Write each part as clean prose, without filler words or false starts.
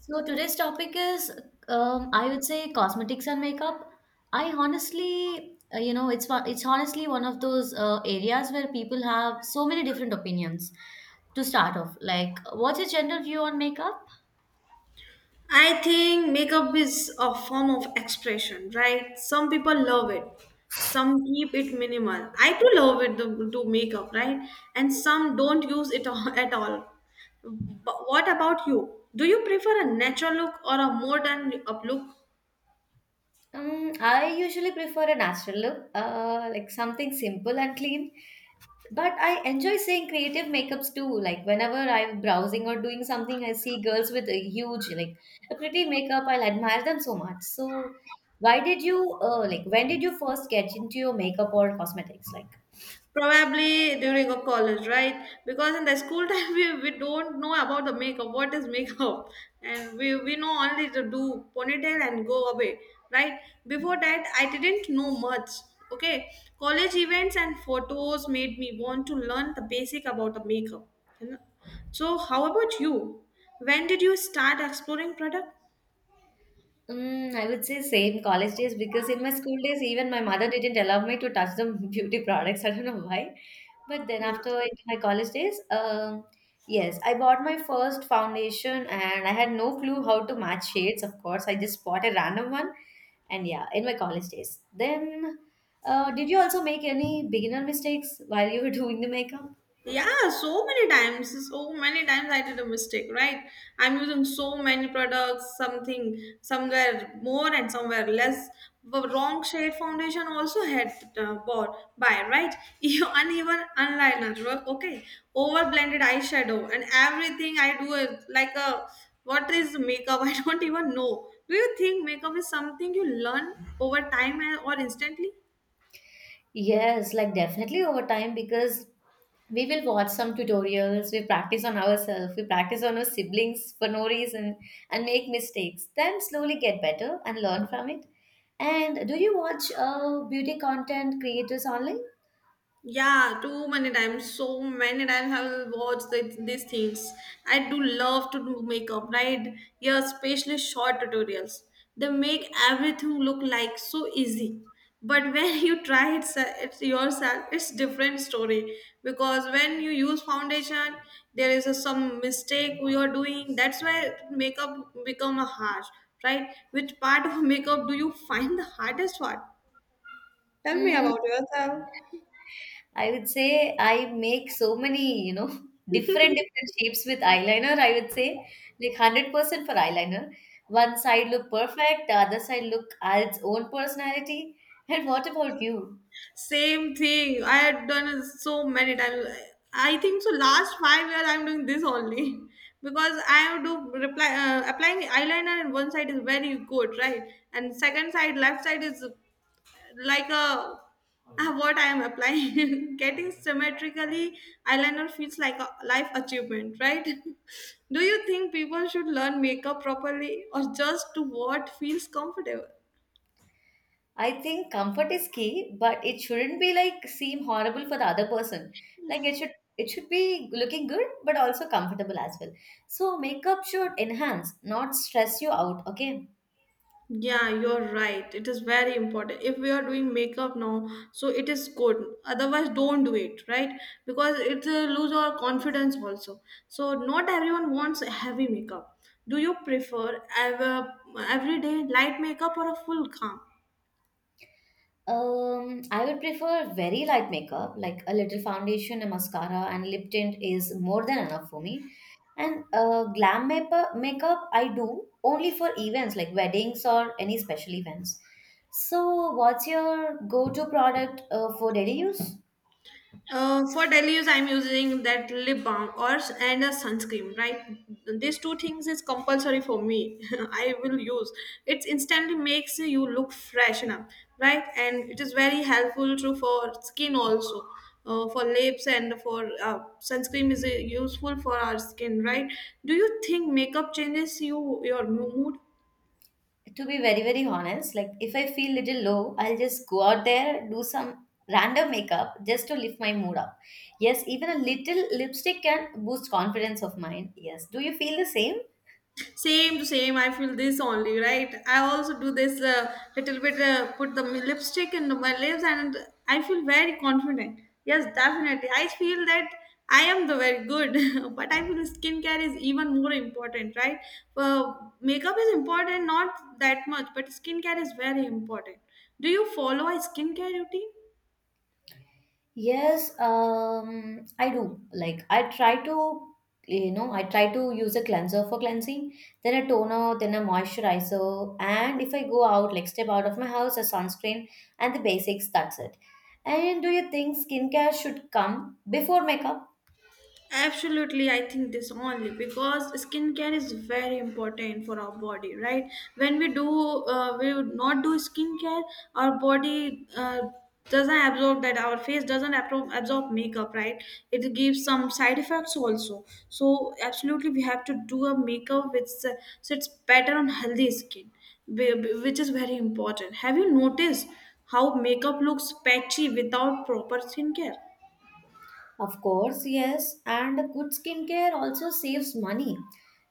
So today's topic is, I would say, cosmetics and makeup. I honestly, it's honestly one of those areas where people have so many different opinions. To start off, like, what's your general view on makeup? I think makeup is a form of expression, right? Some people love it, some keep it minimal. I too love it to do makeup, right? And some don't use it at all. But what about you? Do you prefer a natural look or a modern up look? I usually prefer a natural look, like something simple and clean. But I enjoy seeing creative makeups too. Like whenever I'm browsing or doing something, I see girls with a huge, like a pretty makeup. I'll admire them so much. So, why did you, like, when did you first get into your makeup or cosmetics? Like, Probably during a college, right? Because in the school time, we don't know about the makeup, what is makeup. And we know only to do ponytail and go away, right? Before that, I didn't know much, okay? College events and photos made me want to learn the basic about the makeup. You know? So, how about you? When did you start exploring product? I would say same college days because in my school days, even my mother didn't allow me to touch the beauty products. I don't know why. But then my college days, yes, I bought my first foundation and I had no clue how to match shades, of course. I just bought a random one. And yeah, in my college days. Then, did you also make any beginner mistakes while you were doing the makeup? Yeah, so many times I did a mistake, right? I'm using so many products, something somewhere more and somewhere less. The wrong shade foundation also had bought by, right? You uneven eyeliner, work, okay, over blended eyeshadow, and everything I do is like a what is makeup? I don't even know. Do you think makeup is something you learn over time or instantly? Yes, like definitely over time, because we will watch some tutorials, we practice on ourselves, we practice on our siblings for no reason and make mistakes, then slowly get better and learn from it. And do you watch beauty content creators online? Yeah, too many times. So many times I will watch these things. I do love to do makeup, right? Yeah, especially short tutorials. They make everything look like so easy. But when you try it, it yourself, it's different story. Because when you use foundation, there is some mistake you are doing. That's why makeup become a harsh, right? Which part of makeup do you find the hardest part? Tell me mm, about yourself. I would say I make so many different shapes with eyeliner. I would say like 100% for eyeliner. One side look perfect, the other side look adds its own personality. And what about you? Same thing. I had done it so many times. I think so. Last 5 years, I'm doing this only because I do reply applying eyeliner, and one side is very good, right? And second side, left side is like a what I am applying. Getting symmetrically eyeliner feels like a life achievement, right? Do you think people should learn makeup properly or just to what feels comfortable? I think comfort is key, but it shouldn't be like seem horrible for the other person. Like it should be looking good but also comfortable as well. So makeup should enhance, not stress you out, okay? Yeah, you're right. It is very important. If we are doing makeup now, so it is good. Otherwise, don't do it, right? Because it lose our confidence also. So not everyone wants heavy makeup. Do you prefer everyday light makeup or a full calm? I would prefer very light makeup, like a little foundation, a mascara, and lip tint is more than enough for me. And glam makeup I do only for events like weddings or any special events. So, what's your go-to product for daily use? For daily use, I'm using that lip balm or and a sunscreen. Right, these two things is compulsory for me. I will use. It instantly makes you look fresh enough, right? And it is very helpful too for skin also. For lips and for sunscreen is useful for our skin, right? Do you think makeup changes your mood? To be very very honest, like if I feel little low, I'll just go out there do some random makeup just to lift my mood up. Yes, even a little lipstick can boost confidence of mine. Yes, do you feel the same? Same to same. I feel this only, right? I also do this little bit, put the lipstick in my lips, and I feel very confident. Yes, definitely. I feel that I am the very good, but I feel skincare is even more important, right? Uh, makeup is important, not that much, but skincare is very important. Do you follow a skincare routine? Yes, I do, like I try to use a cleanser for cleansing, then a toner, then a moisturizer, and if I go out like step out of my house, a sunscreen and the basics. That's it. And do you think skincare should come before makeup? Absolutely, I think this only because skincare is very important for our body, right? When we would not do skincare, our body doesn't absorb that. Our face doesn't absorb makeup, right? It gives some side effects also. So absolutely, we have to do a makeup which sits better on healthy skin, whi- which is very important. Have you noticed how makeup looks patchy without proper skincare? Of course, yes. And good skincare also saves money.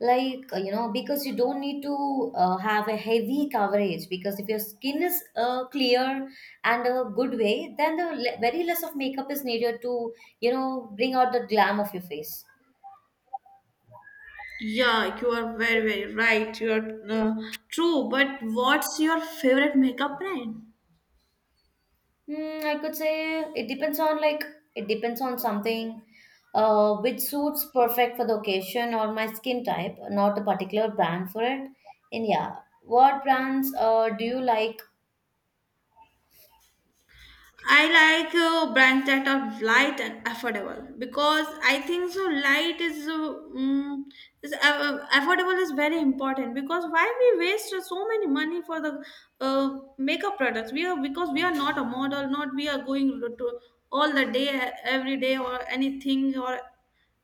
Like, because you don't need to have a heavy coverage. Because if your skin is clear and a good way, then very less of makeup is needed to, bring out the glam of your face. Yeah, you are very, very right. You are true. But what's your favorite makeup brand? Hmm, I could say it depends on something which suits perfect for the occasion or my skin type, not a particular brand for it. And yeah, what brands do you like? I like brands that are light and affordable because I think so. Light is affordable is very important because why we waste so many money for the makeup products? We are because we are not a model, not we are going to all the day, every day, or anything or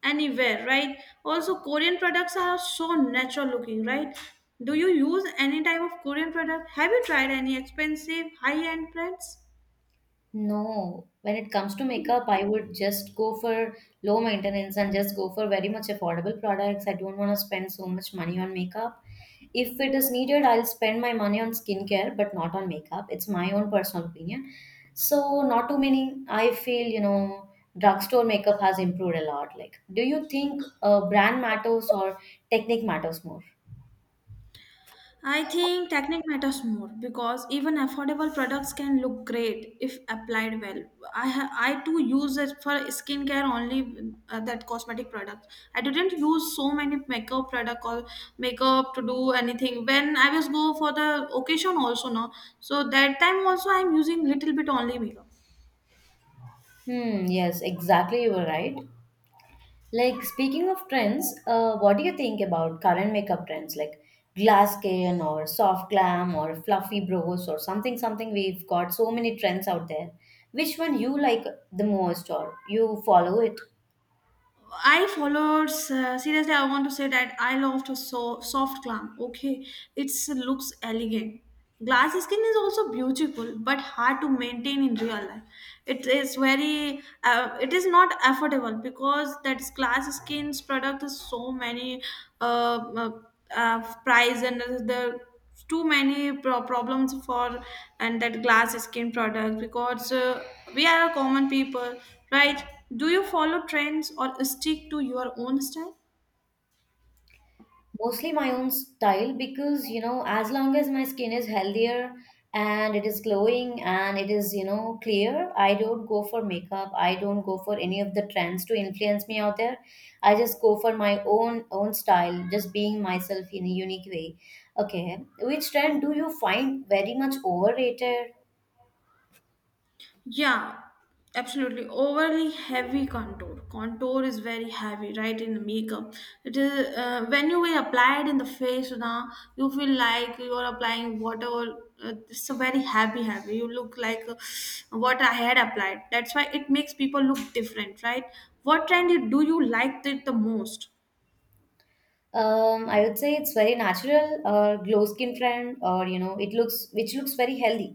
anywhere, right? Also, Korean products are so natural looking, right? Do you use any type of Korean product? Have you tried any expensive high end brands? No, when it comes to makeup, I would just go for low maintenance and just go for very much affordable products. I don't want to spend so much money on makeup. If it is needed, I'll spend my money on skincare, but not on makeup. It's my own personal opinion. So, not too many. I feel, drugstore makeup has improved a lot. Like, do you think brand matters or technique matters more? I think technique matters more because even affordable products can look great if applied well. I too use it for skincare only that cosmetic product. I didn't use so many makeup product or makeup to do anything. When I was go for the occasion also no, so that time also I'm using little bit only makeup. Hmm, yes, exactly. You were right. Like, speaking of trends, what do you think about current makeup trends like glass skin or soft glam or fluffy brows or something we've got so many trends out there. Which one you like the most or you follow it? I followed. Seriously, I want to say that I loved a so soft glam. Okay, it looks elegant. Glass skin is also beautiful, but hard to maintain in real life. It is very. It is not affordable because that glass skin's product is so many uh, price and the too many problems for and that glass skin product because we are a common people, right? Do you follow trends or stick to your own style? Mostly my own style because as long as my skin is healthier and it is glowing and it is clear, I don't go for makeup, I don't go for any of the trends to influence me out there. I just go for my own style, just being myself in a unique way. Okay, which trend do you find very much overrated? Yeah, absolutely. Overly heavy contour. Contour is very heavy, right? In the makeup, it is when you will apply it in the face. Now you feel like you are applying whatever. It's a very heavy, heavy. You look like what I had applied. That's why it makes people look different, right? What trend do you like it the most? I would say it's very natural or glow skin trend or it looks which looks very healthy,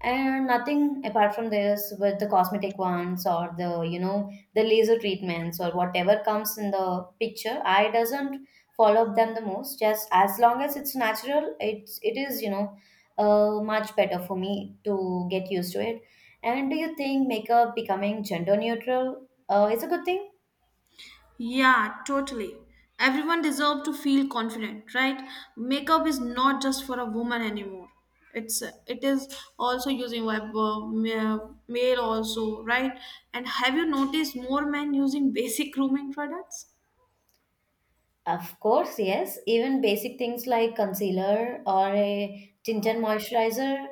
and nothing apart from this with the cosmetic ones or the laser treatments or whatever comes in the picture I doesn't follow up them the most, just as long as it's natural, it is much better for me to get used to it. And do you think makeup becoming gender neutral is a good thing? Yeah, totally. Everyone deserves to feel confident, right? Makeup is not just for a woman anymore. It is also using web male also, right? And have you noticed more men using basic grooming products? Of course, yes. Even basic things like concealer or a tinted moisturizer,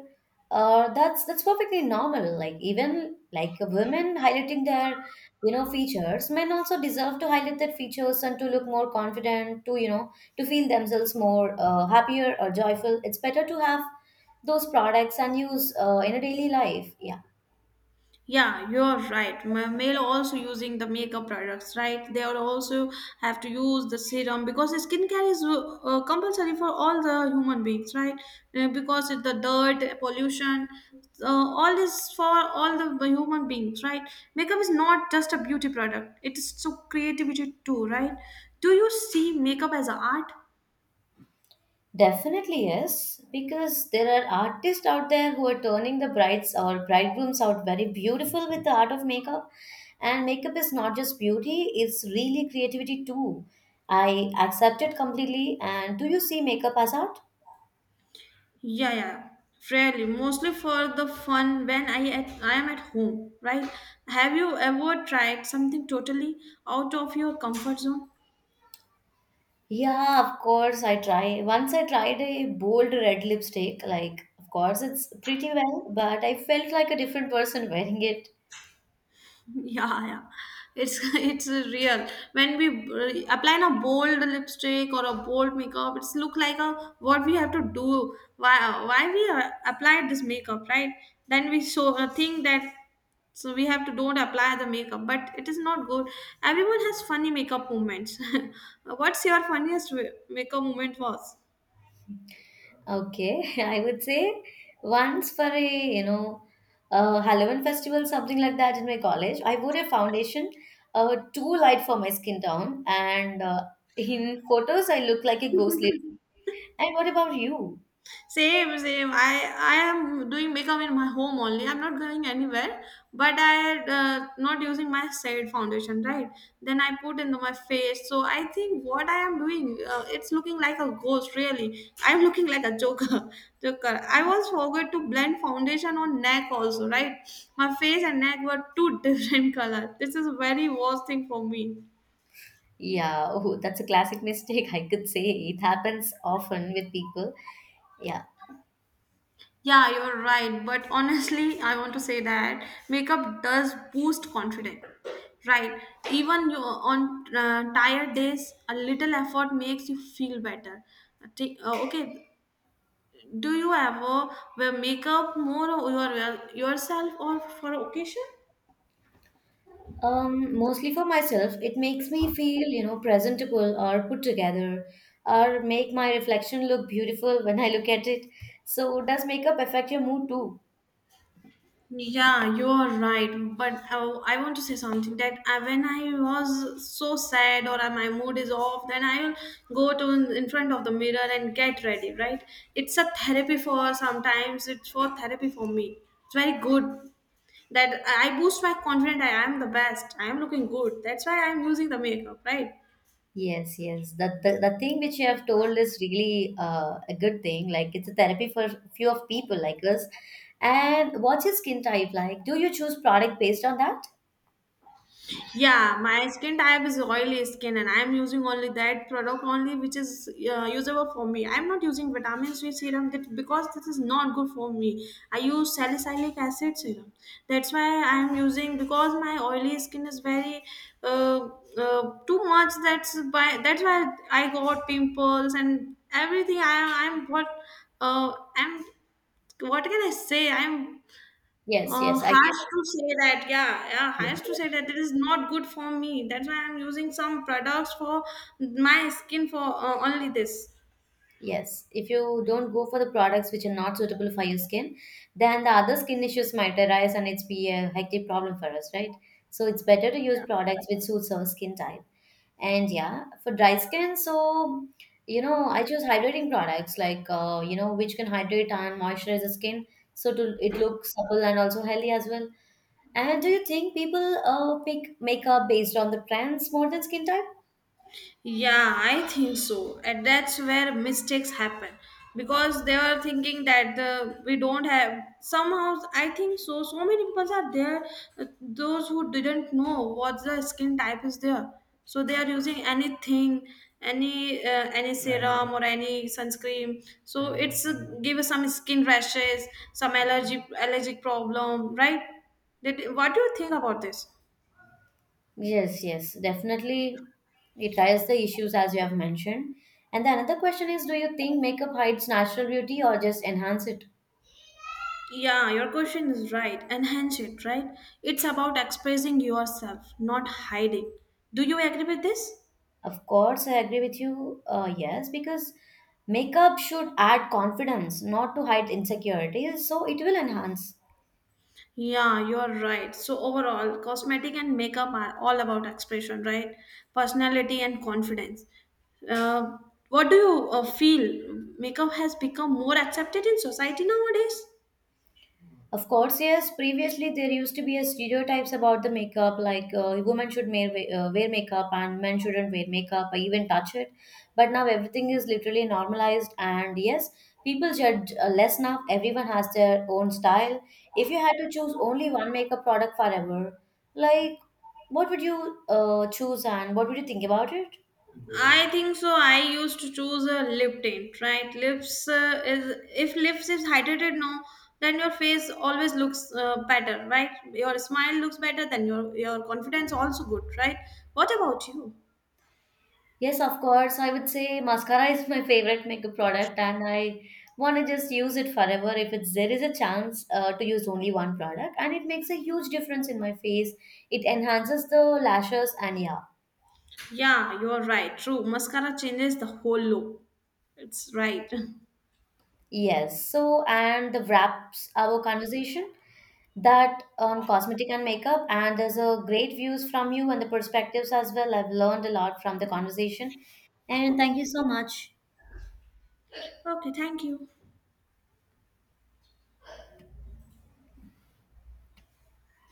that's perfectly normal. Like even like women highlighting their features, men also deserve to highlight their features and to look more confident, to feel themselves more happier or joyful. It's better to have those products and use in a daily life. Yeah. Yeah, you're right. Male also using the makeup products, right? They are also have to use the serum because skincare is compulsory for all the human beings, right? Because the dirt, pollution, all is for all the human beings, right? Makeup is not just a beauty product; it is so creativity too, right? Do you see makeup as an art? Definitely yes, because there are artists out there who are turning the brides or bridegrooms out very beautiful with the art of makeup. And makeup is not just beauty, it's really creativity too. I accept it completely. And do you see makeup as art? Yeah, yeah, fairly. Mostly for the fun when I am at home, right? Have you ever tried something totally out of your comfort zone? Yeah, of course I try. Once I tried a bold red lipstick, like of course it's pretty well, but I felt like a different person wearing it. Yeah, yeah. It's it's real. When we apply a bold lipstick or a bold makeup, it's look like a what we have to do. Why we applied this makeup, right? Then we so think that so we have to don't apply the makeup, but it is not good. Everyone has funny makeup moments. What's your funniest makeup moment was? Okay, I would say once for a you know a Halloween festival, something like that in my college. I wore a foundation, too light for my skin tone, and in photos I look like a ghost lady. And what about you? Same, same. I am doing makeup in my home only. I'm not going anywhere. But I not using my shade foundation, right? Then I put into my face. So I think what I am doing, it's looking like a ghost. Really, I'm looking like a joker. Joker. I was forgot to blend foundation on neck also, right? My face and neck were two different colors. This is very worst thing for me. Yeah, oh, that's a classic mistake. I could say it happens often with people. Yeah. Yeah, you're right. But honestly, I want to say that makeup does boost confidence. Right. Even you on tired days, a little effort makes you feel better. Take, okay. Do you ever wear makeup more or yourself or for occasion? Mostly for myself, it makes me feel, presentable or put together, or make my reflection look beautiful when I look at it. So, does makeup affect your mood too? Yeah, you are right. But I want to say something that when I was so sad or my mood is off, then I will go to in front of the mirror and get ready. Right? It's a therapy for sometimes. It's for therapy for me. It's very good that I boost my confidence. I am the best. I am looking good. That's why I am using the makeup. Right? Yes, yes. That the thing which you have told is really a good thing. Like it's a therapy for few of people like us. And what's your skin type like? Do you choose product based on that? Yeah, my skin type is oily skin, and I'm using only that product only which is usable for me. I'm not using vitamin C serum that because this is not good for me. I use salicylic acid serum. That's why I'm using because my oily skin is very uh, too much. That's why I got pimples and everything. I I'm what can I say? I'm Yes, yes, I get harsh to say that, yeah, yeah, it. harsh to say that it is not good for me. That's why I'm using some products for my skin for only this. Yes, if you don't go for the products which are not suitable for your skin, then the other skin issues might arise and it's be a hectic problem for us, right? So it's better to use products which suits our skin type. And yeah, for dry skin, so I choose hydrating products like which can hydrate and moisturize the skin so to it looks supple and also healthy as well. And do you think people pick makeup based on the trends more than skin type? Yeah, I think so. And that's where mistakes happen because they are thinking that the we don't have somehow I think so. So many people are there, those who didn't know what the skin type is there. So they are using anything, any serum or any sunscreen. So it's give some skin rashes, some allergy allergic problem, right? What do you think about this? Yes, yes, definitely. It raises the issues as you have mentioned. And the another question is, do you think makeup hides natural beauty or just enhance it? Yeah, your question is right. Enhance it, right? It's about expressing yourself, not hiding. Do you agree with this? Of course, I agree with you. Yes, because makeup should add confidence, not to hide insecurities. So it will enhance. Yeah, you're right. So, overall, cosmetic and makeup are all about expression, right? Personality and confidence. Uh, what do you feel? Makeup has become more accepted in society nowadays? Of course, yes. Previously, there used to be a stereotypes about the makeup, like women should wear makeup and men shouldn't wear makeup or even touch it. But now everything is literally normalized, and yes, people judge less now. Everyone has their own style. If you had to choose only one makeup product forever, like what would you choose and what would you think about it? I think so. I used to choose a lip tint, right? Lips is if lips is hydrated, no, then your face always looks better, right? Your smile looks better, then your confidence also good, right? What about you? Yes, of course. I would say mascara is my favorite makeup product, and I want to just use it forever if it's there is a chance to use only one product, and it makes a huge difference in my face. It enhances the lashes, and yeah, Yeah, you're right. True, mascara changes the whole look. It's right. yes. So, and the wraps our conversation that on cosmetic and makeup, and there's a great views from you and the perspectives as well. I've learned a lot from the conversation, and thank you so much. Okay, thank you.